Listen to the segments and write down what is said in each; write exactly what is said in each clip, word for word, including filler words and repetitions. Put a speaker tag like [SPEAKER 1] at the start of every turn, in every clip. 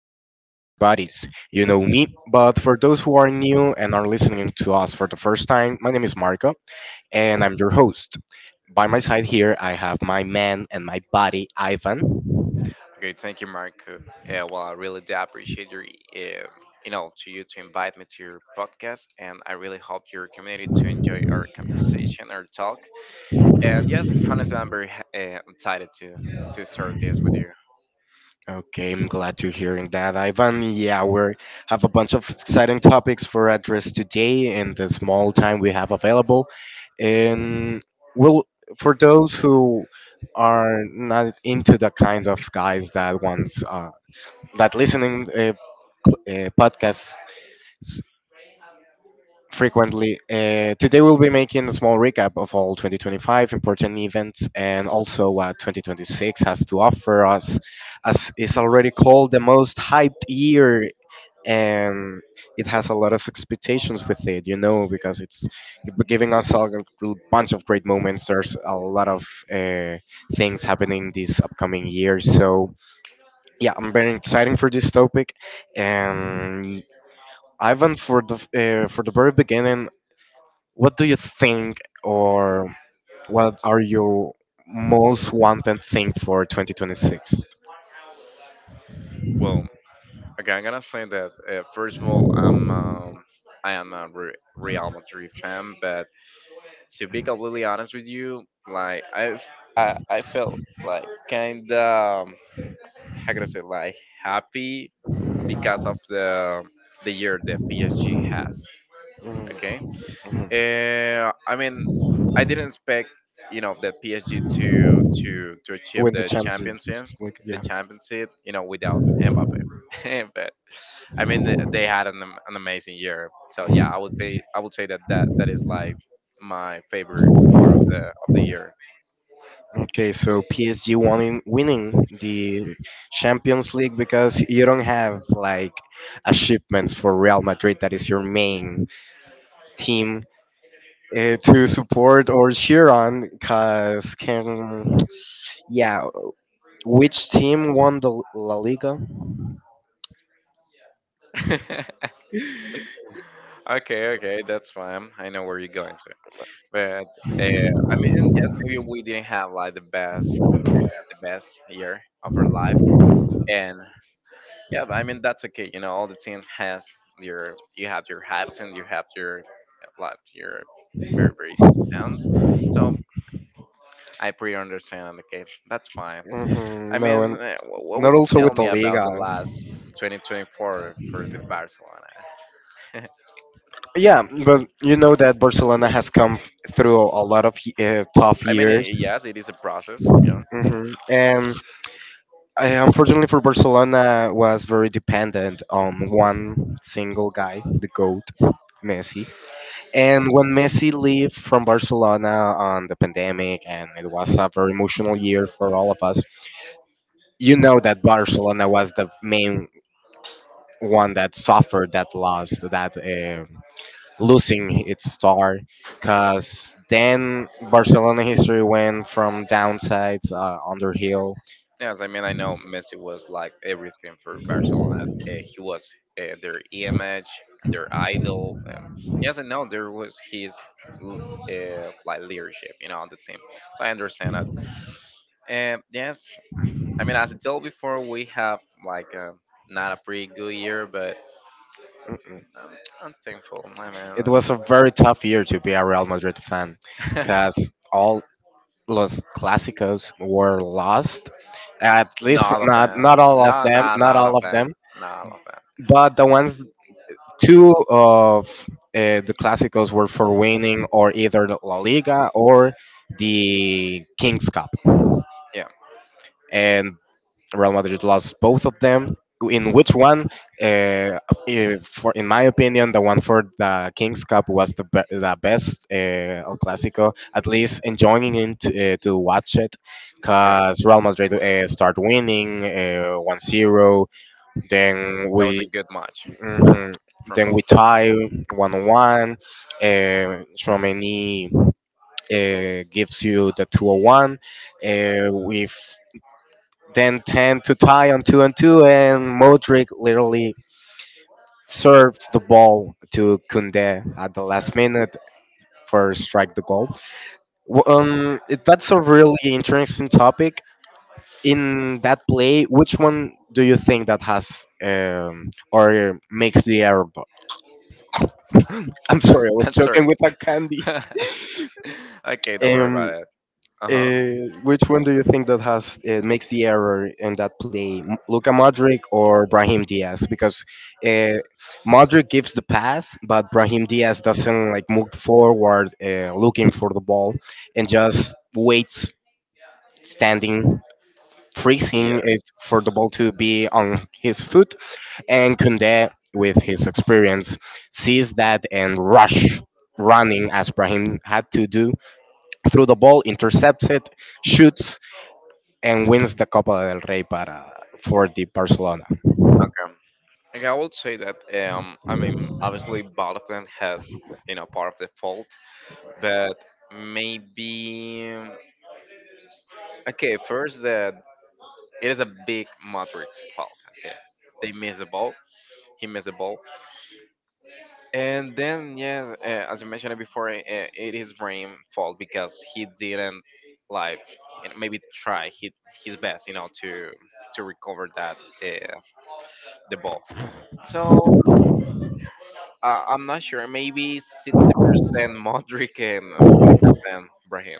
[SPEAKER 1] episode of Soccer Buddies. You know me, but for those who are new and are listening to us for the first time, my name is Marco and I'm your host. By my side here, I have my man and my buddy, Ivan.
[SPEAKER 2] Okay, thank you, Marco. Uh, well, I really do appreciate your, um you know, to you to invite me to your podcast, and I really hope your community to enjoy our conversation, our talk. And yes, honestly, I'm very ha- uh, excited to to start this with you.
[SPEAKER 1] Okay, I'm glad to hearing that, Ivan. Yeah, we have a bunch of exciting topics for address today in the small time we have available. And we'll, for those who are not into the kind of guys that wants uh, that listening uh, p- uh, podcasts s- frequently. Uh, today we'll be making a small recap of all two thousand twenty-five important events and also what twenty twenty-six has to offer us, as it's already called the most hyped year and it has a lot of expectations with it, you know, because it's giving us a gr- bunch of great moments. There's a lot of uh, things happening this upcoming year, so yeah, I'm very excited for this topic and Ivan, for the uh, for the very beginning, what do you think, or what are your most wanted thing for twenty twenty-six?
[SPEAKER 2] Well, okay, I'm gonna say that uh, first of all, I'm um, I am a Re- Real Madrid fan, but to be completely honest with you, like I've I I felt like kinda. How can I say like happy because of the the year that P S G
[SPEAKER 1] Mm,
[SPEAKER 2] has. Okay,
[SPEAKER 1] mhm.
[SPEAKER 2] uh, I mean, I didn't expect you know the P S G to to to achieve
[SPEAKER 1] Win the
[SPEAKER 2] the
[SPEAKER 1] Champions League,
[SPEAKER 2] championship,
[SPEAKER 1] just like,
[SPEAKER 2] the
[SPEAKER 1] yeah.
[SPEAKER 2] championship you know without Mbappe, but I mean th- they had an, am- an amazing year. So yeah, I would say I would say that that, that is like my favorite part of the of the year.
[SPEAKER 1] Okay, so P S G winning winning the Champions League because you don't have like achievements for Real Madrid that is your main team uh, to support or cheer on because can. Yeah, which team won the La Liga?
[SPEAKER 2] okay, okay, that's fine. I know where you're going. But uh, I mean, yes, maybe we didn't have like the best the best year of our life, and yeah, but I mean that's okay. You know, all the teams has your you have your hypes and you have your like your very very downs. So I pretty understand. Okay, that's fine.
[SPEAKER 1] Hmm
[SPEAKER 2] I
[SPEAKER 1] no,
[SPEAKER 2] mean,
[SPEAKER 1] and
[SPEAKER 2] uh, wh- what
[SPEAKER 1] not
[SPEAKER 2] would you
[SPEAKER 1] also
[SPEAKER 2] tell
[SPEAKER 1] with the
[SPEAKER 2] me about
[SPEAKER 1] Liga.
[SPEAKER 2] the last twenty twenty-four for the Barcelona?
[SPEAKER 1] Yeah, but you know that Barcelona has come through a lot of uh, tough
[SPEAKER 2] I mean,
[SPEAKER 1] years.
[SPEAKER 2] eh, yes, it is a process.
[SPEAKER 1] Hmm and I, unfortunately for Barcelona, was very dependent on one single guy, the goat, Messi. And when Messi left from Barcelona on the pandemic, and it was a very emotional year for all of us, you know that Barcelona was the main one that suffered that loss, that um losing its star, because then Barcelona history went from downsides uh, under.
[SPEAKER 2] Yes, I mean I know Messi was like everything for Barcelona. Uh, he was uh, their image, their idol. Um, yes, I know there was his l- uh, like leadership, you know, on the team. So I understand that. Um, yes, I mean as I told before, we have like uh, not a pretty good year, but I'm, I'm thankful. I
[SPEAKER 1] It
[SPEAKER 2] mean,
[SPEAKER 1] was a very tough year to be a Real Madrid fan,
[SPEAKER 2] it's-
[SPEAKER 1] because all los clásicos were lost. At least for,
[SPEAKER 2] not a
[SPEAKER 1] not
[SPEAKER 2] fan.
[SPEAKER 1] not all of
[SPEAKER 2] No,
[SPEAKER 1] them,
[SPEAKER 2] no,
[SPEAKER 1] not
[SPEAKER 2] not a
[SPEAKER 1] all of
[SPEAKER 2] fan.
[SPEAKER 1] them,
[SPEAKER 2] Not a fan.
[SPEAKER 1] but the ones two of uh, the clásicos were for winning or either the La Liga or the King's Cup.
[SPEAKER 2] Yeah,
[SPEAKER 1] And Real Madrid lost both of them. In which one, uh, if, for, in my opinion, the one for the Kings Cup was the, be- the best uh, El Clasico, at least enjoying it to, uh, to watch it,
[SPEAKER 2] yeah.
[SPEAKER 1] because Real Madrid uh, start winning uh, one zero, then
[SPEAKER 2] That was a
[SPEAKER 1] we
[SPEAKER 2] good match
[SPEAKER 1] mhm,
[SPEAKER 2] from
[SPEAKER 1] then we
[SPEAKER 2] both teams.
[SPEAKER 1] tie one to one, uh, Chouameni uh, gives you the two oh one, uh, with then ten to tie on two and two, and Modric literally served the ball to Kunde at the last minute for strike the goal. W- Um, it- that's a really interesting topic. In that play, which one do you think that has um, or makes the error? I'm sorry, I was
[SPEAKER 2] I'm sorry.
[SPEAKER 1] joking with a candy.
[SPEAKER 2] Okay, don't worry about it. Uh huh.
[SPEAKER 1] Uh, which one do you think that has uh, makes the error in that play, M- Luka Modric or Brahim Diaz? Because uh, Modric gives the pass, but Brahim Diaz doesn't like move forward, uh, looking for the ball, and just waits standing,
[SPEAKER 2] Yeah.
[SPEAKER 1] freezing it for the ball to be on his foot. And Kunde, with his experience, sees that and rush running as Brahim had to do through the ball, intercepts it, shoots and wins the Copa del Rey para for the Barcelona.
[SPEAKER 2] Okay. Okay. I would say that um, I mean, obviously, both of them has you know part of the fault, but maybe um, okay. First, that it is a big Madrid's fault. Okay, they miss the ball. He missed the ball, and then yeah, uh, as you mentioned it before, uh, it is Brahim's fault because he didn't like and maybe try his, his best, you know, to to recover that uh, the ball. So Uh, I'm not sure. Maybe sixty percent Modric and forty percent Brahim.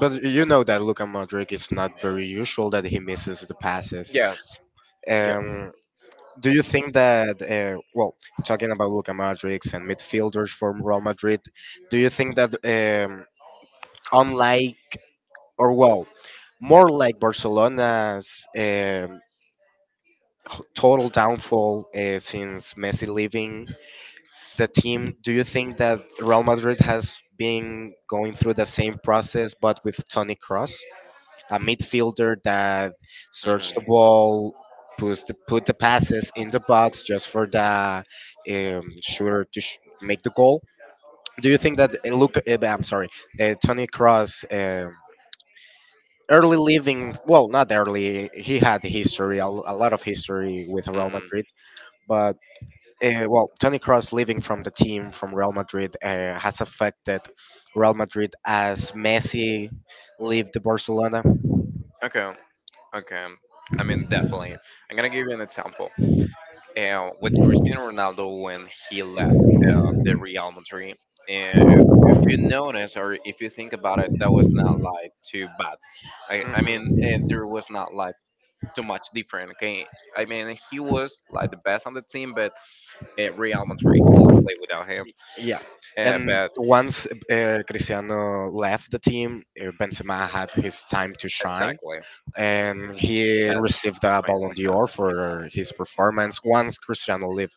[SPEAKER 1] But you know that Luka Modric is not very usual that he misses the passes.
[SPEAKER 2] Yes. Yeah.
[SPEAKER 1] Um, do you think that, uh, well, talking about Luka Modric and midfielders from Real Madrid, do you think that, um, unlike, or well, more like Barcelona's um, h- total downfall uh, since Messi leaving, the team, do you think that Real Madrid has been going through the same process but with Tony Cross, a midfielder that searched the
[SPEAKER 2] Hmm.
[SPEAKER 1] ball, puts the, put the passes in the box just for the um, shooter to sh- make the goal? Do you think that uh, Luke, uh, I'm sorry, uh, Tony Cross? Um, Early leaving, well, not early. He had history, a, a lot of history with Real
[SPEAKER 2] Hmm.
[SPEAKER 1] Madrid, but uh, well, Tony Cross leaving from the team from Real Madrid uh, has affected Real Madrid as Messi left the Barcelona.
[SPEAKER 2] Okay. Okay. I mean, definitely. I'm gonna give you an example. Uh, with Cristiano Ronaldo when he left uh, the Real Madrid, uh, if if you notice or if you think about it, that was not like too bad. I, I mean,
[SPEAKER 1] hmm
[SPEAKER 2] uh, there was not like too much different. Okay. I mean, he was like the best on the team, but uh, Real Madrid could play without him.
[SPEAKER 1] Yeah,
[SPEAKER 2] Uh,
[SPEAKER 1] and
[SPEAKER 2] but.
[SPEAKER 1] once uh, Cristiano left the team, uh, Benzema had his time to shine,
[SPEAKER 2] Exactly.
[SPEAKER 1] and
[SPEAKER 2] It
[SPEAKER 1] he
[SPEAKER 2] has.
[SPEAKER 1] received
[SPEAKER 2] It
[SPEAKER 1] a Ballon
[SPEAKER 2] finally has
[SPEAKER 1] d'Or
[SPEAKER 2] his
[SPEAKER 1] for
[SPEAKER 2] time.
[SPEAKER 1] his performance once Cristiano left.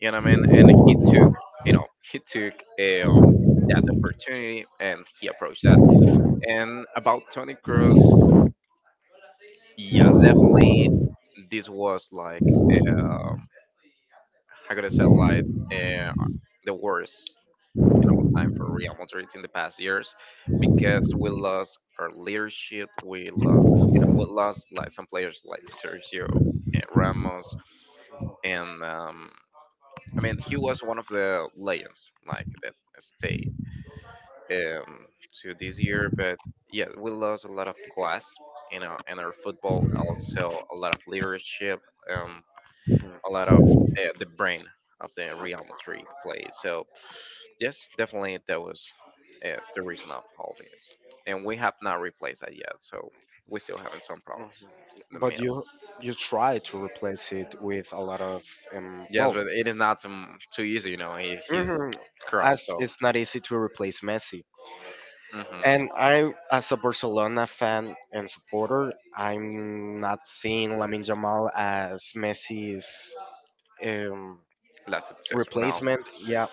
[SPEAKER 2] You know what I mean? And he took. You know, he took um that opportunity and he approached that. And about Tony Cruz, yes, definitely, this was like uh, how could I say like uh, the worst you know time for Real Madrid in the past years because we lost our leadership. We lost. You know, we lost like some players like Sergio uh, Ramos and um, I mean, he was one of the legends, like that stayed um, to this year. But yeah, we lost a lot of class, you know, in our football. Also, a lot of leadership, um, a lot of uh, the brain of the Real Madrid play. So yes, definitely that was uh, the reason of all this, and we have not replaced that yet. So we still having some problems in the
[SPEAKER 1] But
[SPEAKER 2] middle.
[SPEAKER 1] you you try to replace it with a lot of um,
[SPEAKER 2] Yes,
[SPEAKER 1] well,
[SPEAKER 2] but it is not um, too easy, you know. He, he's
[SPEAKER 1] mhm,
[SPEAKER 2] cross,
[SPEAKER 1] as
[SPEAKER 2] so.
[SPEAKER 1] it's not easy to replace Messi.
[SPEAKER 2] Mhm.
[SPEAKER 1] And I, as a Barcelona fan and supporter, I'm not seeing Lamin Jamal as Messi's um,
[SPEAKER 2] Last successor. No.
[SPEAKER 1] replacement. Yeah,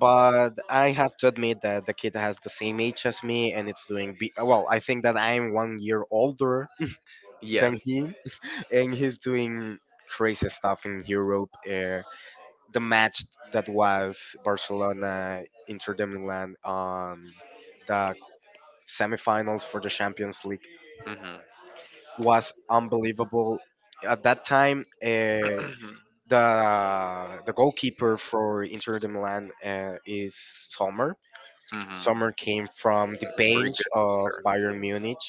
[SPEAKER 1] but I have to admit that the kid has the same age as me, and it's doing be- well. I think that I'm one year older than
[SPEAKER 2] Yes.
[SPEAKER 1] he, and he's doing crazy stuff in Europe. Uh, the match that was Barcelona Inter de Milan on the semifinals for the Champions League
[SPEAKER 2] Hmm.
[SPEAKER 1] was unbelievable. At that time, uh, the the goalkeeper for Inter de Milan uh, is Sommer.
[SPEAKER 2] Hmm.
[SPEAKER 1] Sommer came from the
[SPEAKER 2] Very
[SPEAKER 1] bench
[SPEAKER 2] good
[SPEAKER 1] of
[SPEAKER 2] keeper.
[SPEAKER 1] Bayern Munich.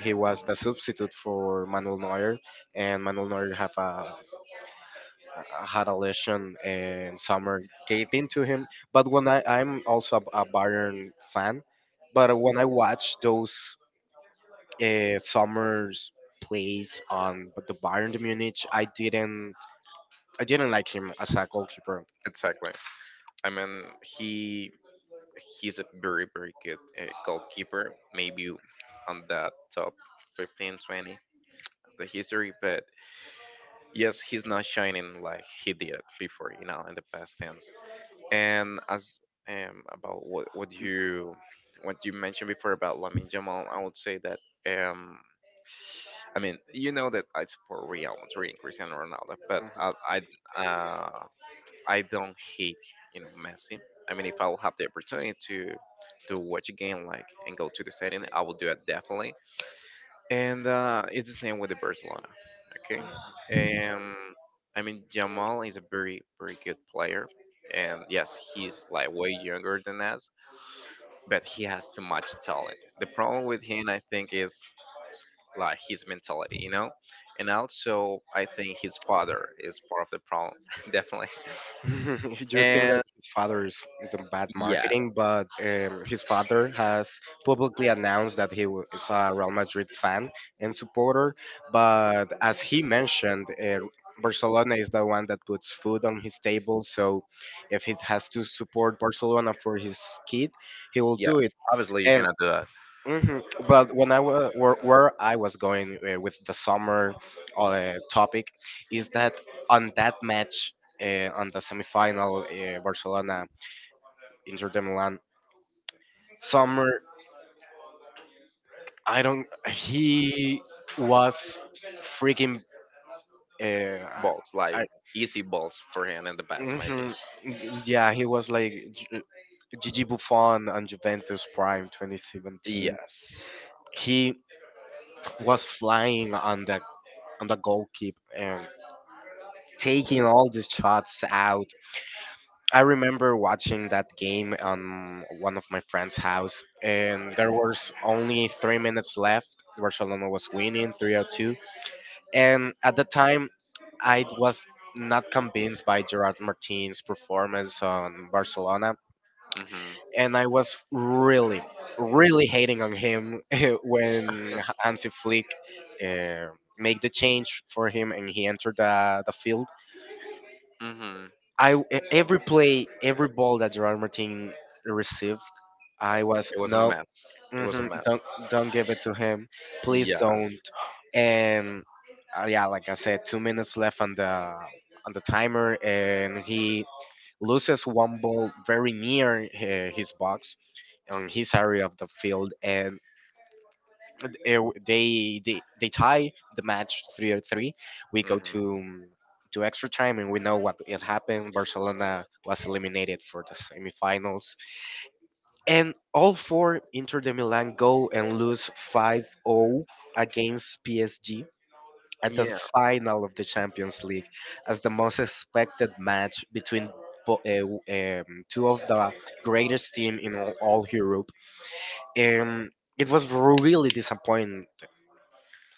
[SPEAKER 1] He was the
[SPEAKER 2] Mhm.
[SPEAKER 1] substitute for Manuel Neuer, and Manuel Neuer have a, a- had a lesion, and Sommer gave in to him. But when I, I'm also a, a Bayern fan, but when I watch those uh, Sommer's plays on the Bayern de Munich. I didn't I didn't like him as a goalkeeper.
[SPEAKER 2] Exactly. I mean, he he's a very very good uh, goalkeeper. Maybe on that top fifteen twenty of the history, but yes, he's not shining like he did before. You know, in the past ten. And as um, about what what you what you mentioned before about Lamine Jamal, I would say that um, I mean you know that I support Real Madrid, and Cristiano Ronaldo, but
[SPEAKER 1] Mhm.
[SPEAKER 2] I I, uh, I don't hate you know Messi. I mean, if I will have the opportunity to to watch a game like and go to the stadium, I will do it definitely and uh, it's the same with the Barcelona. Okay, um, I mean Jamal is a very very good player, and yes, he's like way younger than us, but he has too much talent. The problem with him, I think, is like his mentality, you know, and also I think his father is part of the problem, definitely.
[SPEAKER 1] You think that
[SPEAKER 2] And
[SPEAKER 1] his father is the bad
[SPEAKER 2] yeah,
[SPEAKER 1] marketing, but um, his father has publicly announced that he wa- is a Real Madrid fan and supporter. But as he mentioned, uh, Barcelona is the one that puts food on his table. So if he has to support Barcelona for his kid, he will
[SPEAKER 2] yes,
[SPEAKER 1] do it.
[SPEAKER 2] obviously you cannot do that.
[SPEAKER 1] hmm But when I wa- where, where I was going uh, with the summer uh, topic is that on that match uh, on the semifinal uh, Barcelona Inter de Milan summer I don't he was freaking uh, I,
[SPEAKER 2] Balls like
[SPEAKER 1] I,
[SPEAKER 2] easy balls for him in the past, maybe.
[SPEAKER 1] mhm, yeah he was like G- Gigi Buffon on Juventus Prime twenty seventeen.
[SPEAKER 2] Yes.
[SPEAKER 1] He was flying on the on the goalkeeper taking all these shots out. I remember watching that game on one of my friend's house, and there was only three minutes left. Barcelona was winning three or two. And at the time, I was not convinced by Gerard Martin's performance on Barcelona.
[SPEAKER 2] Mhm.
[SPEAKER 1] And I was really, really hating on him when Hansi Flick uh, made the change for him and he entered the, the field.
[SPEAKER 2] Mhm.
[SPEAKER 1] I e- every play, every ball that Gerard Martin received, I was
[SPEAKER 2] It was a
[SPEAKER 1] no,
[SPEAKER 2] mess. It was a
[SPEAKER 1] hmm
[SPEAKER 2] mess.
[SPEAKER 1] don't don't give it to him, please
[SPEAKER 2] Yeah.
[SPEAKER 1] don't. And uh, yeah, like I said, two minutes left on the on the timer, and he loses one ball very near uh, his box on his area of the field, and uh, they they they tie the match three or three. We go
[SPEAKER 2] Hmm.
[SPEAKER 1] to to extra time, and we know what it happened. Barcelona was eliminated for the semifinals, and all four Inter de Milan go and lose five oh against P S G at the
[SPEAKER 2] Yeah.
[SPEAKER 1] final of the Champions League as the most expected match between. Bo- uh, w- um, two of the greatest team in all all Europe, and it was really disappointing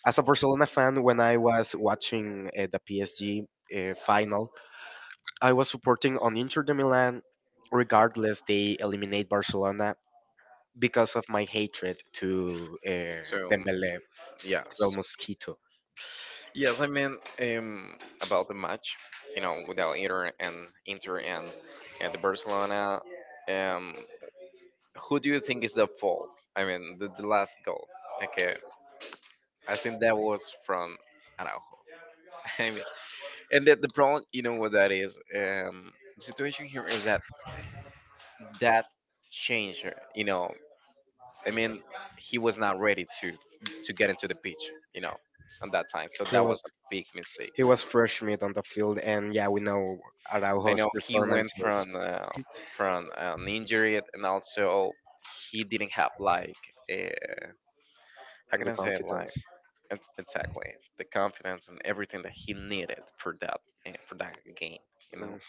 [SPEAKER 1] as a Barcelona fan. When I was watching uh, the P S G uh, final, I was supporting on Inter de Milan, regardless they eliminate Barcelona because of my hatred to uh,
[SPEAKER 2] So
[SPEAKER 1] Dembele, to El
[SPEAKER 2] yes,
[SPEAKER 1] Mosquito.
[SPEAKER 2] yes. I mean, um, about the match, you know, without Inter and Inter and and the Barcelona, um, who do you think is the fault? I mean, the, the last goal. Okay, I think that was from Araujo. I mean, and the, the problem, you know, what that is. Um, the situation here is that that change, you know, I mean, he was not ready to to get into the pitch, you know, on that time. So
[SPEAKER 1] He
[SPEAKER 2] that was
[SPEAKER 1] was
[SPEAKER 2] a big mistake.
[SPEAKER 1] he was fresh meat on the field, and yeah, we know
[SPEAKER 2] I
[SPEAKER 1] Araujo's
[SPEAKER 2] know he went
[SPEAKER 1] performances
[SPEAKER 2] from uh, from an injury, and also he didn't have like uh, how
[SPEAKER 1] and
[SPEAKER 2] can
[SPEAKER 1] the
[SPEAKER 2] I say it, like
[SPEAKER 1] confidence.
[SPEAKER 2] ex- exactly the confidence and everything that he needed for that uh, for that game, you
[SPEAKER 1] Mm-hmm.
[SPEAKER 2] know.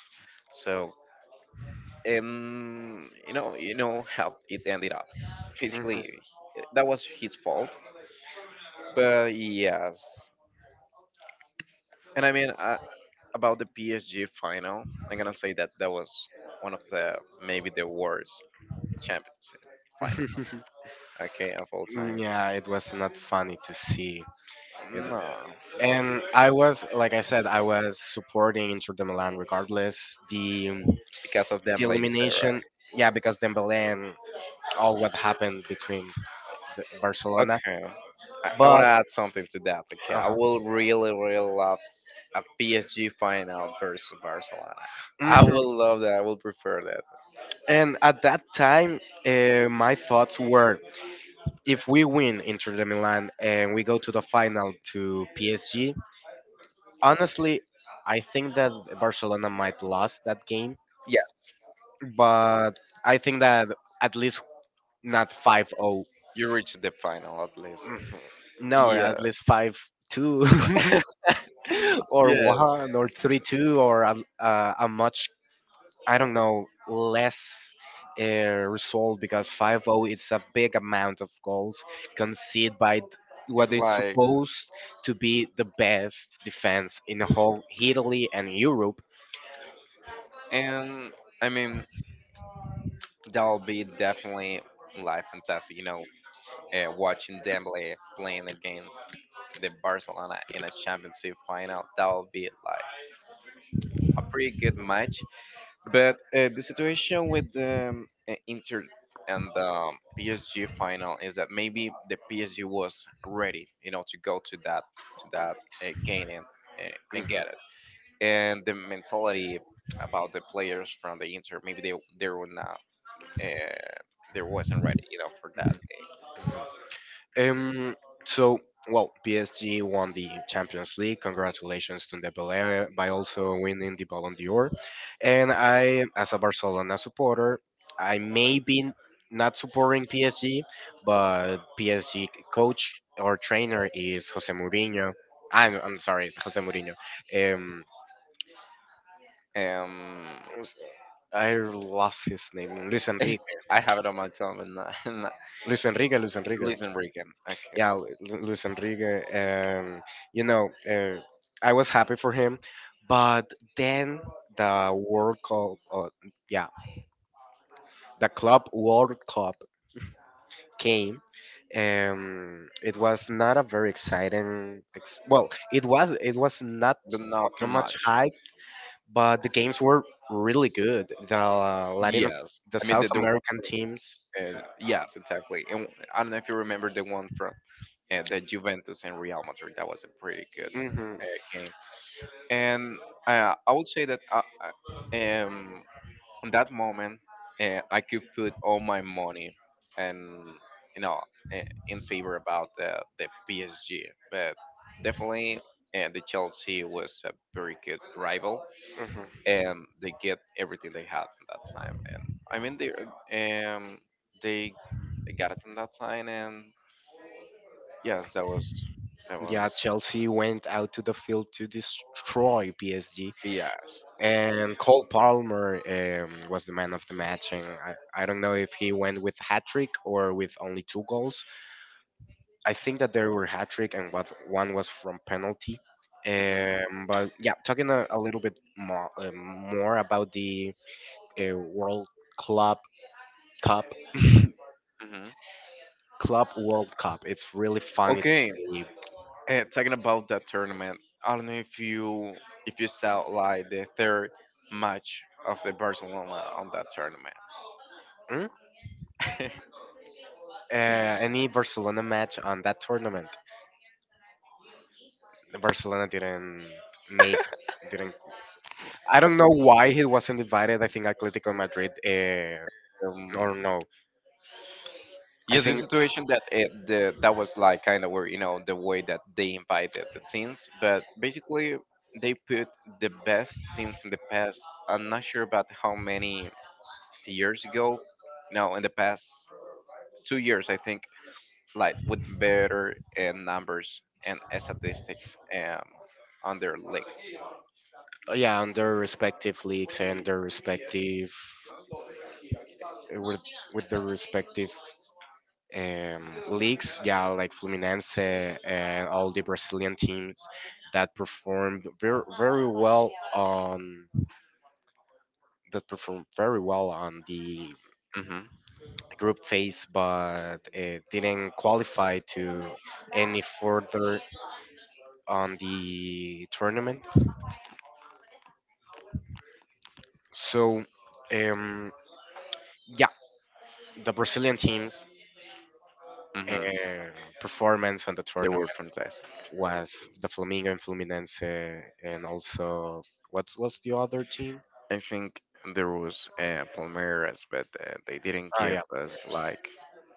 [SPEAKER 2] So um, you know, you know how it ended up.
[SPEAKER 1] Mm,
[SPEAKER 2] Basically, that was his fault. But yes. And I mean, uh, about the P S G final, I'm gonna say that that was one of the maybe the worst Champions final.
[SPEAKER 1] mhm.
[SPEAKER 2] Okay, of all times.
[SPEAKER 1] Yeah, it was not funny to see. It
[SPEAKER 2] No, no,
[SPEAKER 1] and I was, like I said, I was supporting Inter de Milan regardless the um,
[SPEAKER 2] because of
[SPEAKER 1] the
[SPEAKER 2] them, like you said,
[SPEAKER 1] elimination.
[SPEAKER 2] right?
[SPEAKER 1] Yeah, because Dembélé and all what happened between the, Barcelona,
[SPEAKER 2] Okay, I, I want
[SPEAKER 1] but
[SPEAKER 2] to add something to that. Okay, I
[SPEAKER 1] uh
[SPEAKER 2] will really, really love a P S G final versus Barcelona. I
[SPEAKER 1] hmm
[SPEAKER 2] will love that. I will prefer that.
[SPEAKER 1] and at that time, uh, my thoughts were: if we win Inter de Milan and we go to the final to P S G, honestly, I think that Barcelona might lost that game,
[SPEAKER 2] Yes,
[SPEAKER 1] but I think that at least not five zero.
[SPEAKER 2] you reach the final at least.
[SPEAKER 1] Mhm. No, at
[SPEAKER 2] Yeah,
[SPEAKER 1] least five two, or
[SPEAKER 2] yeah.
[SPEAKER 1] one, or three two, or a, uh, a much I don't know less uh, result because five zero is a big amount of goals conceded by th- what
[SPEAKER 2] It's
[SPEAKER 1] is
[SPEAKER 2] like,
[SPEAKER 1] supposed to be the best defense in the whole Italy and Europe.
[SPEAKER 2] and I mean, that'll be definitely live fantastic. You know, s- uh, watching Dembele playing against the Barcelona in a championship final, that'll be like a pretty good match. But uh, the situation with the um, uh, Inter and the P S G final is that maybe the P S G was ready, you know, to go to that to that uh, game and, uh, and get it. And the mentality about the players from the Inter, maybe they they were not uh, there wasn't ready, you know, for that
[SPEAKER 1] Um, so, well, P S G won the Champions League. Congratulations to Dembélé by also winning the Ballon d'Or. And I, as a Barcelona supporter, I may be not supporting P S G, but P S G coach or trainer is Jose Mourinho. I'm, I'm sorry, Jose Mourinho. Um,
[SPEAKER 2] thing. Um,
[SPEAKER 1] I lost his name. Luis Enrique.
[SPEAKER 2] I have it on my tongue, and not- and not-
[SPEAKER 1] Luis Enrique. Luis Enrique.
[SPEAKER 2] listen, Rican, okay,
[SPEAKER 1] Yeah, Lu- Lu- Luis Enrique. Um, you know, uh, I was happy for him, but then the World Cup, uh, yeah, the Club World Cup came. Um, it was not a very exciting. Ex- well, it was. It was not
[SPEAKER 2] but not
[SPEAKER 1] mu-
[SPEAKER 2] too
[SPEAKER 1] not much
[SPEAKER 2] much.
[SPEAKER 1] hype, but the games were really good. The uh, Latin,
[SPEAKER 2] Yes,
[SPEAKER 1] the
[SPEAKER 2] I mean the
[SPEAKER 1] South
[SPEAKER 2] the one.
[SPEAKER 1] American teams.
[SPEAKER 2] Uh, yes, exactly. And I don't know if you remember the one from uh, the Juventus and Real Madrid. That was a pretty good
[SPEAKER 1] Hmm
[SPEAKER 2] uh, game. And uh, I would say that uh, uh, um, on that moment, uh, I could put all my money and you know eh, in favor about the the P S G, but definitely uh, the Chelsea was a very good rival, and they get everything they had in that time. And I mean they um they got it in that time, and yes, that was that was
[SPEAKER 1] Yeah, Chelsea went out to the field to destroy P S G,
[SPEAKER 2] yes.
[SPEAKER 1] and Cole Palmer um, was the man of the match. And I, I don't know if he went with hat trick or with only two goals. I think that there were hat trick and what one was from penalty.
[SPEAKER 2] Hmm.
[SPEAKER 1] Um, but yeah, talking a, a little bit more, um more about the uh, World Club Cup,
[SPEAKER 2] Hmm.
[SPEAKER 1] Club World Cup. It's really funny to
[SPEAKER 2] Okay.
[SPEAKER 1] see.
[SPEAKER 2] And talking about that tournament, I don't know if you if you saw like the third match of the Barcelona on that tournament.
[SPEAKER 1] Mm. Uh, any Barcelona match on that tournament? Barcelona didn't make didn't. I don't know why he wasn't divided. I think Atletico Madrid. Uh,
[SPEAKER 2] um,
[SPEAKER 1] no, no. I
[SPEAKER 2] yes, the
[SPEAKER 1] think
[SPEAKER 2] situation that it, the that was like kind of where you know the way that they invited the teams, but basically they put the best teams in the past. I'm not sure about how many years ago. No, in the past two years, I think, like with better uh, numbers and statistics um, on their leagues.
[SPEAKER 1] yeah, on their respective leagues and their respective with with their respective um, leagues. Yeah, like Fluminense and all the Brazilian teams that performed very very well on that performed very well on the
[SPEAKER 2] Hmm.
[SPEAKER 1] group phase, but it didn't qualify to any further on the tournament. So, um, yeah, the Brazilian team's uh,
[SPEAKER 2] Hmm.
[SPEAKER 1] performance on the
[SPEAKER 2] They
[SPEAKER 1] tournament
[SPEAKER 2] were fantastic.
[SPEAKER 1] was the Flamengo and Fluminense, and also what was the other team?
[SPEAKER 2] I think there was uh, Palmeiras, but uh, they didn't
[SPEAKER 1] Ah,
[SPEAKER 2] give
[SPEAKER 1] yeah.
[SPEAKER 2] us like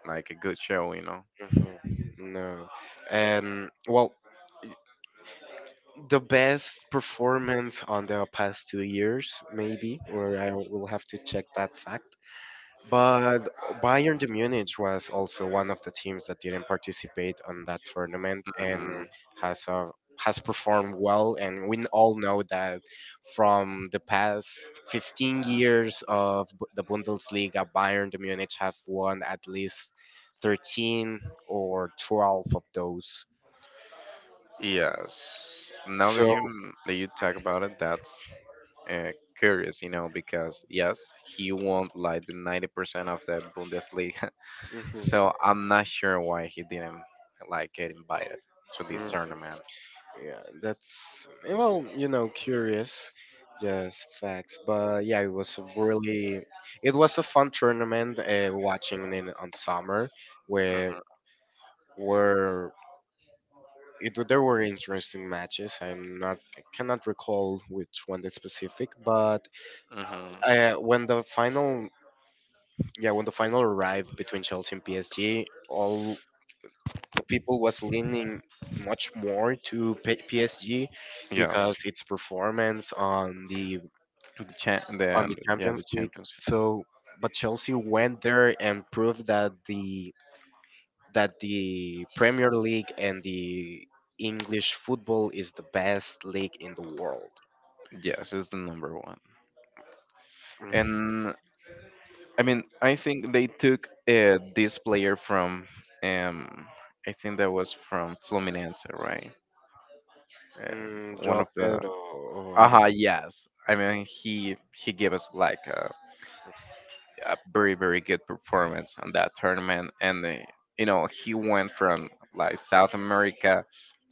[SPEAKER 2] like a good show, you know.
[SPEAKER 1] Mhm. No. Um, well, the best performance on the past two years, maybe, or I will have to check that fact. But Bayern de Munich was also one of the teams that didn't participate on that tournament and
[SPEAKER 2] Hmm.
[SPEAKER 1] has uh, has performed well. And we all know that from the past fifteen years of Bu- the Bundesliga, Bayern de Munich have won at least thirteen or twelve of those.
[SPEAKER 2] Yes. Now that
[SPEAKER 1] So,
[SPEAKER 2] you that you talk about it, that's uh, curious, you know, because yes, he won like the ninety percent of the Bundesliga,
[SPEAKER 1] mhm.
[SPEAKER 2] so I'm not sure why he didn't like get invited to this tournament.
[SPEAKER 1] Yeah, that's eh, well, you know, curious, just facts. But yeah, it was a really, it was a fun tournament. Uh, watching it on summer, where
[SPEAKER 2] Hmm.
[SPEAKER 1] were it w- there were interesting matches. I'm not I cannot recall which one the specific, but
[SPEAKER 2] Hmm.
[SPEAKER 1] uh, when the final, yeah, when the final arrived between Chelsea and P S G, all the people was leaning much more to P- PSG
[SPEAKER 2] Yes,
[SPEAKER 1] because its performance on the
[SPEAKER 2] the cha-
[SPEAKER 1] on the
[SPEAKER 2] the yeah
[SPEAKER 1] Champions
[SPEAKER 2] the
[SPEAKER 1] League.
[SPEAKER 2] Champions.
[SPEAKER 1] So, but Chelsea went there and proved that the that the Premier League and the English football is the best league in the world.
[SPEAKER 2] Yes, it's the number one. And I mean, I think they took uh, this player from, um, I think that was from Fluminense, right? Uh,
[SPEAKER 1] Mm,
[SPEAKER 2] One
[SPEAKER 1] Joao
[SPEAKER 2] of the,
[SPEAKER 1] Pedro, or I don't,
[SPEAKER 2] aha, yes. I mean, he he gave us like a, a very very good performance on that tournament, and uh, you know he went from like South America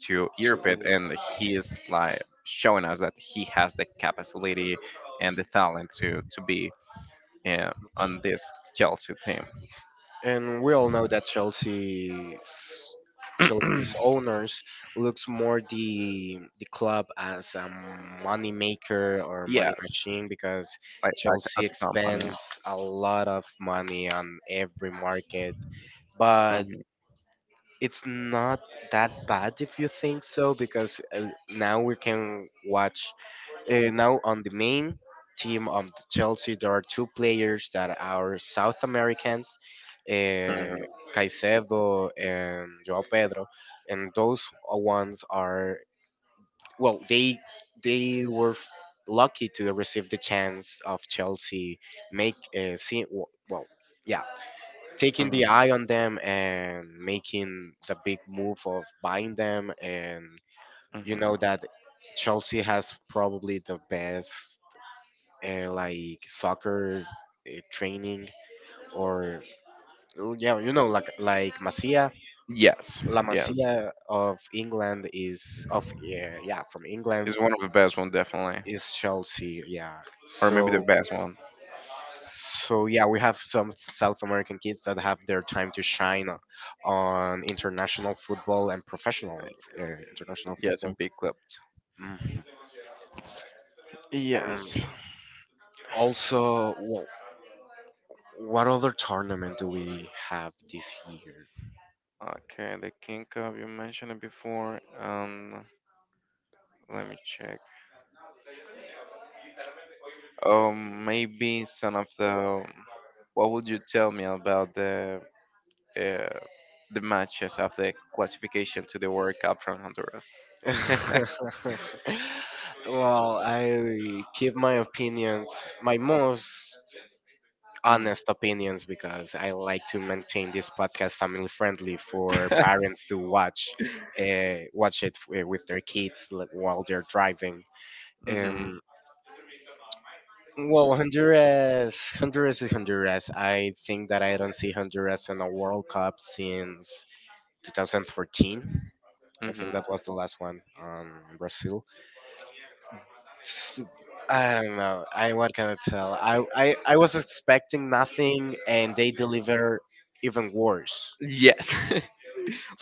[SPEAKER 2] to Europe, and he is like showing us that he has the capacity and the talent
[SPEAKER 1] to-
[SPEAKER 2] to to be, yeah, on this Chelsea team.
[SPEAKER 1] and we all know that Chelsea's Chelsea's owners looks more the the club as a money maker or money
[SPEAKER 2] Yes,
[SPEAKER 1] machine because
[SPEAKER 2] like, like as
[SPEAKER 1] Chelsea
[SPEAKER 2] a company.
[SPEAKER 1] expends a lot of money on every market, but
[SPEAKER 2] hmm
[SPEAKER 1] it's not that bad if you think so because uh, now we can watch uh, now on the main team of the Chelsea, there are two players that are South Americans, uh, Caicedo and Joao Pedro, and those ones are well, they they were f- lucky to receive the chance of Chelsea make uh, see w- well yeah taking
[SPEAKER 2] hmm
[SPEAKER 1] the eye on them and making the big move of buying them and you
[SPEAKER 2] hmm
[SPEAKER 1] know that Chelsea has probably the best uh, like soccer uh, training or l- yeah you know like like Masia,
[SPEAKER 2] Yes,
[SPEAKER 1] La
[SPEAKER 2] yes,
[SPEAKER 1] Masia of England is of yeah, yeah from England
[SPEAKER 2] it's one of the best one, definitely,
[SPEAKER 1] is Chelsea yeah
[SPEAKER 2] or maybe the
[SPEAKER 1] so
[SPEAKER 2] best one.
[SPEAKER 1] so yeah we have some South American kids that have their time to shine o- on international football and professional uh, international
[SPEAKER 2] Yes, and
[SPEAKER 1] football.
[SPEAKER 2] big clipped.
[SPEAKER 1] Mm. And
[SPEAKER 2] Yes.
[SPEAKER 1] also wh- what other tournament do we have this year?
[SPEAKER 2] Okay, the King Cup you mentioned it before. Um, let me check. Um, maybe some of the. What would you tell me about the uh, the matches of the classification to the World Cup from Honduras?
[SPEAKER 1] well, I keep my opinions, my most
[SPEAKER 2] hmm
[SPEAKER 1] honest opinions, because I like to maintain this podcast family friendly for parents to watch, uh, watch it wi- with their kids like, while they're driving.
[SPEAKER 2] hmm
[SPEAKER 1] Um, well, Honduras, Honduras is Honduras. I think that I don't see Honduras in a World Cup since twenty fourteen. I think
[SPEAKER 2] hmm
[SPEAKER 1] that was the last one on Brazil. S- I don't know. I what can I tell? I, I I was expecting nothing, and they deliver even worse.
[SPEAKER 2] Yes.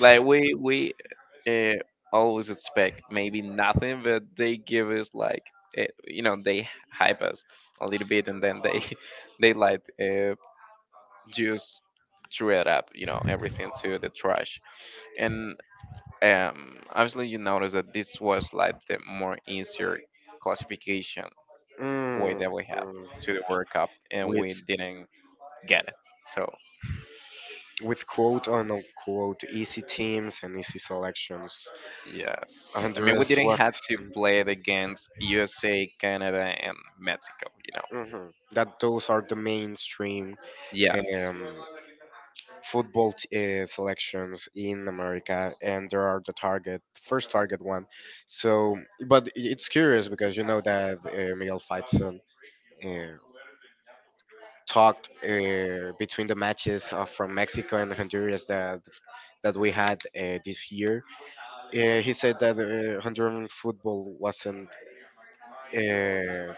[SPEAKER 2] Like we we uh, always expect maybe nothing, but they give us like, uh, you know, they hype us a little bit, and then they they like, uh, just threw it, up, you know, everything to the trash. And um, obviously you notice that this was like the more easier classification way
[SPEAKER 1] Mm,
[SPEAKER 2] that we have
[SPEAKER 1] mm.
[SPEAKER 2] to the World Cup, and
[SPEAKER 1] With
[SPEAKER 2] we didn't get it. So.
[SPEAKER 1] with quote on unquote easy teams and easy selections.
[SPEAKER 2] Yes. I mean, we
[SPEAKER 1] Honduras
[SPEAKER 2] didn't
[SPEAKER 1] was
[SPEAKER 2] have to play it against U S A, Canada, and Mexico, you know.
[SPEAKER 1] mhm, that those are the mainstream.
[SPEAKER 2] Yes.
[SPEAKER 1] Um, football t- uh, selections in America, and there are the target first target one. So, but I- it's curious because you know that uh, Miguel Faitson uh, talked uh, between the matches uh, from Mexico and Honduras that that we had uh, this year. Uh, he said that uh, Honduran football wasn't. Uh,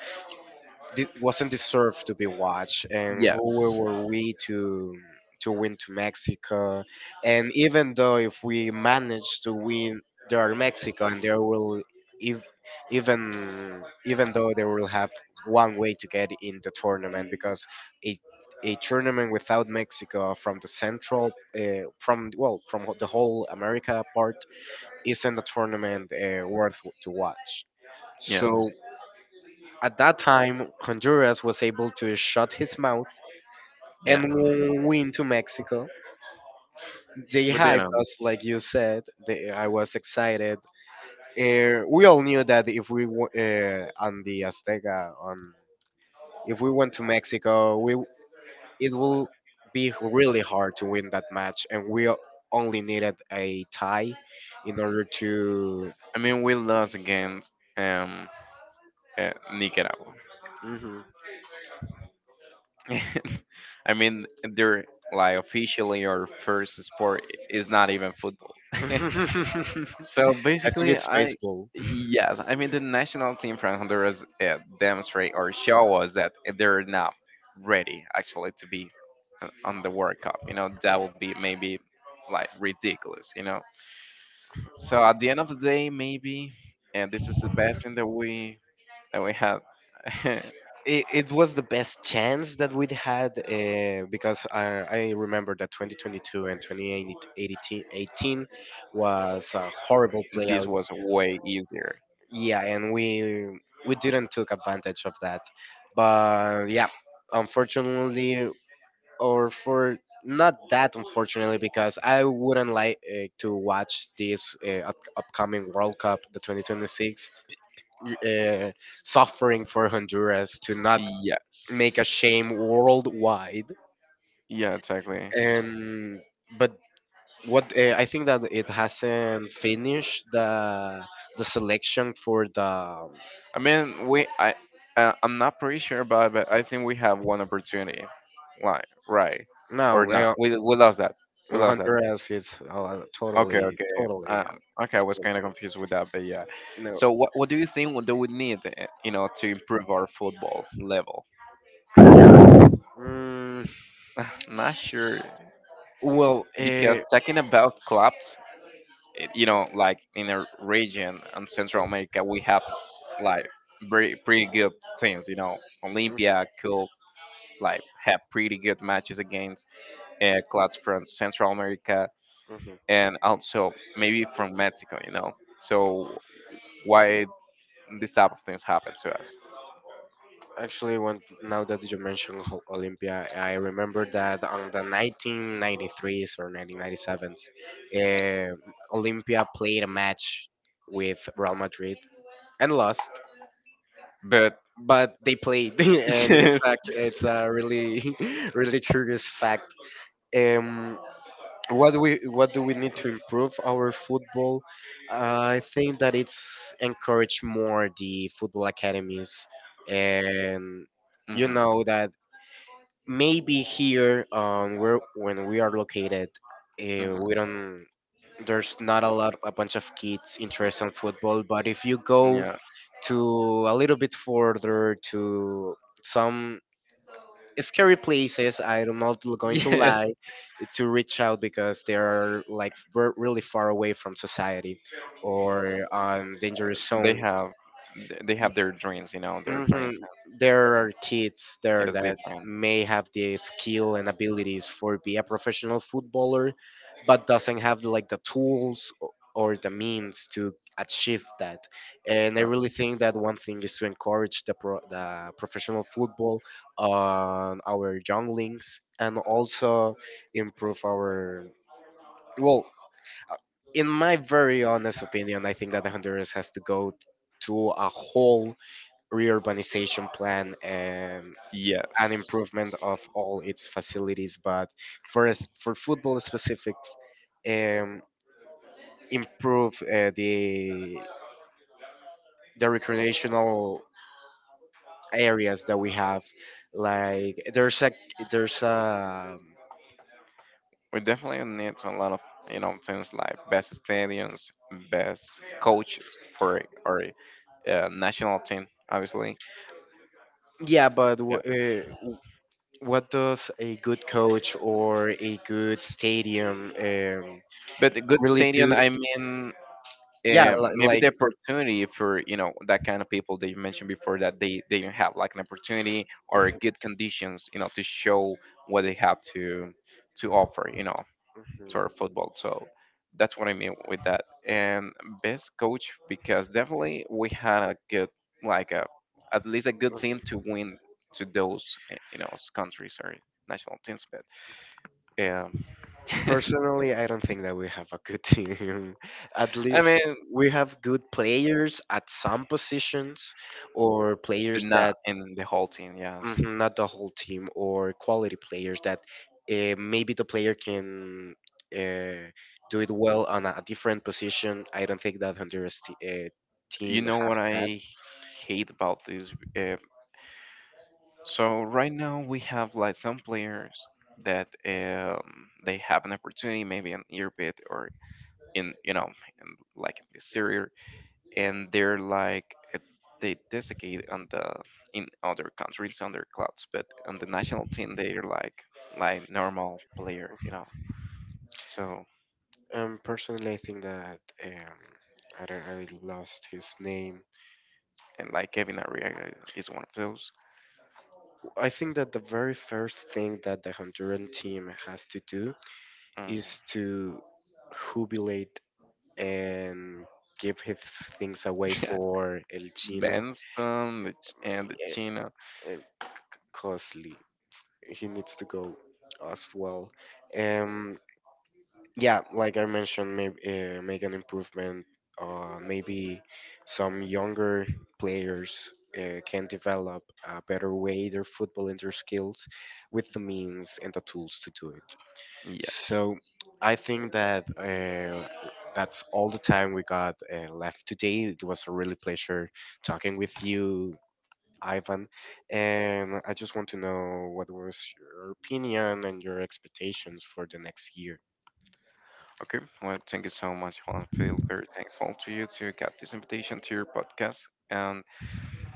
[SPEAKER 1] this wasn't deserved to be watched and who
[SPEAKER 2] Yes.
[SPEAKER 1] were we to to win to Mexico and even though if we manage to win they are Mexico and they will if even even though they will have one way to get in the tournament because a a tournament without Mexico from the central uh, from well from the whole America part isn't a tournament uh, worth to watch.
[SPEAKER 2] Yes.
[SPEAKER 1] So at that time, Honduras was able to shut his mouth and
[SPEAKER 2] Yes.
[SPEAKER 1] win to Mexico. They
[SPEAKER 2] We
[SPEAKER 1] hyped
[SPEAKER 2] didn't.
[SPEAKER 1] us, like you said. They, I was excited. Uh, we all knew that if we w- uh, on the Azteca, on if we went to Mexico, we it will be really hard to win that match, and we o- only needed a tie in order to.
[SPEAKER 2] I mean, we lost against um uh, Nicaragua.
[SPEAKER 1] Mhm.
[SPEAKER 2] I mean, they're like officially our first sport is not even football.
[SPEAKER 1] I
[SPEAKER 2] So
[SPEAKER 1] think
[SPEAKER 2] basically,
[SPEAKER 1] it's
[SPEAKER 2] I
[SPEAKER 1] baseball.
[SPEAKER 2] yes, I mean the national team from Honduras uh, demonstrate or show us that they're not ready actually to be o- on the World Cup. You know that would be maybe like ridiculous. You know. So at the end of the day, maybe, and this is the best thing that we that we have.
[SPEAKER 1] it, it was the best chance that we'd had uh, because I, I remember that twenty twenty-two and twenty eighteen was a horrible
[SPEAKER 2] This
[SPEAKER 1] playout.
[SPEAKER 2] was way easier.
[SPEAKER 1] Yeah, and we we didn't took advantage of that. But yeah, unfortunately, or for not that unfortunately, because I wouldn't like uh, to watch this uh, up- upcoming World Cup, the twenty twenty-six, uh, suffering for Honduras to not make a
[SPEAKER 2] Yes.
[SPEAKER 1] shame worldwide.
[SPEAKER 2] Yeah, exactly.
[SPEAKER 1] And but what uh, I think that it hasn't finished the the selection for the
[SPEAKER 2] I mean, we I uh, I'm not pretty sure about, but I think we have one opportunity. Like, right
[SPEAKER 1] no
[SPEAKER 2] or not?
[SPEAKER 1] well,
[SPEAKER 2] We we lost that. We lost that.
[SPEAKER 1] Honduras is uh,
[SPEAKER 2] Okay,
[SPEAKER 1] totally
[SPEAKER 2] okay.
[SPEAKER 1] totally uh,
[SPEAKER 2] Um, okay, I was kind of
[SPEAKER 1] disqualified.
[SPEAKER 2] confused with that, but yeah.
[SPEAKER 1] No,
[SPEAKER 2] So what what do you think? What do we need, uh, you know, to improve our football level?
[SPEAKER 1] mm,
[SPEAKER 2] Not sure,
[SPEAKER 1] well.
[SPEAKER 2] because
[SPEAKER 1] Uh,
[SPEAKER 2] talking about clubs, it, you know, like in a region in Central America, we have like very pretty good teams. You know,
[SPEAKER 1] mhm,
[SPEAKER 2] Olympia, Cup, like have pretty good matches against uh, clubs from Central America
[SPEAKER 1] mhm.
[SPEAKER 2] and also maybe from Mexico, you know. So why this type of things happen to us?
[SPEAKER 1] Actually, when now that you mentioned Ho- Olympia, I remember that on the nineteen ninety-threes or nineteen ninety-sevens, uh, Olympia played a match with Real Madrid and lost,
[SPEAKER 2] But
[SPEAKER 1] but they played, and it's
[SPEAKER 2] yes,
[SPEAKER 1] a, it's a really really curious fact. Um, what do we what do we need to improve our football? Uh, I think that it's encourage more the football academies and you
[SPEAKER 2] hmm
[SPEAKER 1] know that maybe here um where when we are located uh, we
[SPEAKER 2] hmm
[SPEAKER 1] don't there's not a lot a bunch of kids interested in football but if you go
[SPEAKER 2] yeah,
[SPEAKER 1] to a little bit further to some scary places, I'm not going to
[SPEAKER 2] yes,
[SPEAKER 1] lie, to reach out because they are like ver- really far away from society or on dangerous
[SPEAKER 2] they
[SPEAKER 1] zone.
[SPEAKER 2] have th- they have their dreams, you know, their
[SPEAKER 1] Hmm
[SPEAKER 2] dreams.
[SPEAKER 1] There
[SPEAKER 2] and, uh,
[SPEAKER 1] are kids
[SPEAKER 2] It
[SPEAKER 1] there
[SPEAKER 2] is
[SPEAKER 1] that
[SPEAKER 2] different.
[SPEAKER 1] may have the skill and abilities for be a professional footballer, but doesn't have like the tools o- or the means to achieve that. And I
[SPEAKER 2] uh,
[SPEAKER 1] really think that one thing is to encourage the pro- the professional football on our younglings and also improve our well. In my very honest opinion, I think that the Honduras has to go to a whole reurbanization plan and an
[SPEAKER 2] Yes.
[SPEAKER 1] improvement of all its facilities. But for us- for football specifics, um, improve uh, the the recreational areas that we have. Like there's a there's a
[SPEAKER 2] We definitely need a lot of, you know, things like best stadiums, best coaches for our uh, national team, obviously.
[SPEAKER 1] yeah, but w-
[SPEAKER 2] Yeah,
[SPEAKER 1] uh, w- what does a good coach or a good stadium um,
[SPEAKER 2] but a good
[SPEAKER 1] really do?
[SPEAKER 2] stadium. I mean,
[SPEAKER 1] Yeah, li-
[SPEAKER 2] um, maybe
[SPEAKER 1] like
[SPEAKER 2] the opportunity for, you know, that kind of people that you mentioned before that they they don't have like an opportunity or good conditions, you know, to show what they have to to offer. You know, to our football. So that's what I mean with that. And best coach, because definitely we had a good, like a, at least a good team to win to those, eh, you know, countries or national teams. But yeah,
[SPEAKER 1] personally, I don't think that we have a good team. At
[SPEAKER 2] I
[SPEAKER 1] least
[SPEAKER 2] mean,
[SPEAKER 1] we have good players at some positions, or
[SPEAKER 2] but
[SPEAKER 1] players
[SPEAKER 2] not
[SPEAKER 1] that
[SPEAKER 2] in the whole team. Yes,
[SPEAKER 1] mhm, not the whole team, or quality players that uh, maybe the player can uh, do it well on a different position. I don't think that Honduras t- uh,
[SPEAKER 2] you
[SPEAKER 1] team
[SPEAKER 2] know
[SPEAKER 1] have
[SPEAKER 2] what
[SPEAKER 1] that.
[SPEAKER 2] I hate about this. Uh, so right now we have like some players that um, they have an opportunity maybe in Europe or in, you know, in, like in the Serie, and they're like, uh, they desiccate on the, in other countries on their clubs, but on the national team they're like like normal player, you know. So
[SPEAKER 1] Um, personally, I think that um, I don't, I lost his name.
[SPEAKER 2] and like Kevin Arriaga, eh, is one of those.
[SPEAKER 1] I think that the very first thing that the Honduran team has to do
[SPEAKER 2] Mm.
[SPEAKER 1] is to jubilate and give his things away
[SPEAKER 2] Yeah,
[SPEAKER 1] for El Chino.
[SPEAKER 2] Benston the Ch- and the
[SPEAKER 1] Eh,
[SPEAKER 2] Chino.
[SPEAKER 1] eh, Costly. He needs to go as well. Um, yeah, like I mentioned, maybe uh, make an improvement. Uh, maybe some younger players uh, can develop a better way their football and their skills with the means and the tools to do it.
[SPEAKER 2] Yes.
[SPEAKER 1] So I think that uh, that's all the time we got uh, left today. It was a really pleasure talking with you, Ivan. And I just want to know what was your opinion and your expectations for the next year.
[SPEAKER 2] Okay. Well, thank you so much, Juan. I feel very thankful to you to get this invitation to your podcast. And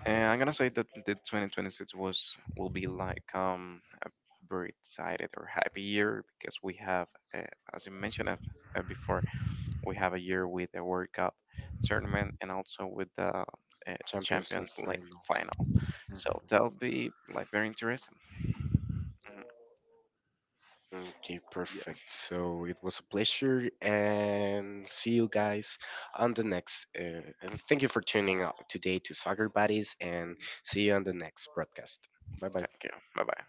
[SPEAKER 2] And I'm gonna say that the twenty twenty-six was will be like um a very excited or happy year because we have, uh, as you mentioned uh, uh, before, we have a year with a World Cup tournament and also with the uh,
[SPEAKER 1] Champions League
[SPEAKER 2] Champions League
[SPEAKER 1] finals.
[SPEAKER 2] final. So that'll be like very interesting. Mhm.
[SPEAKER 1] Okay,
[SPEAKER 2] Yes.
[SPEAKER 1] perfect. So it was a pleasure and see you guys on the next. Uh, and thank you for tuning out today to Soccer Buddies and see you on the next broadcast. Bye bye.
[SPEAKER 2] Thank you. Bye bye.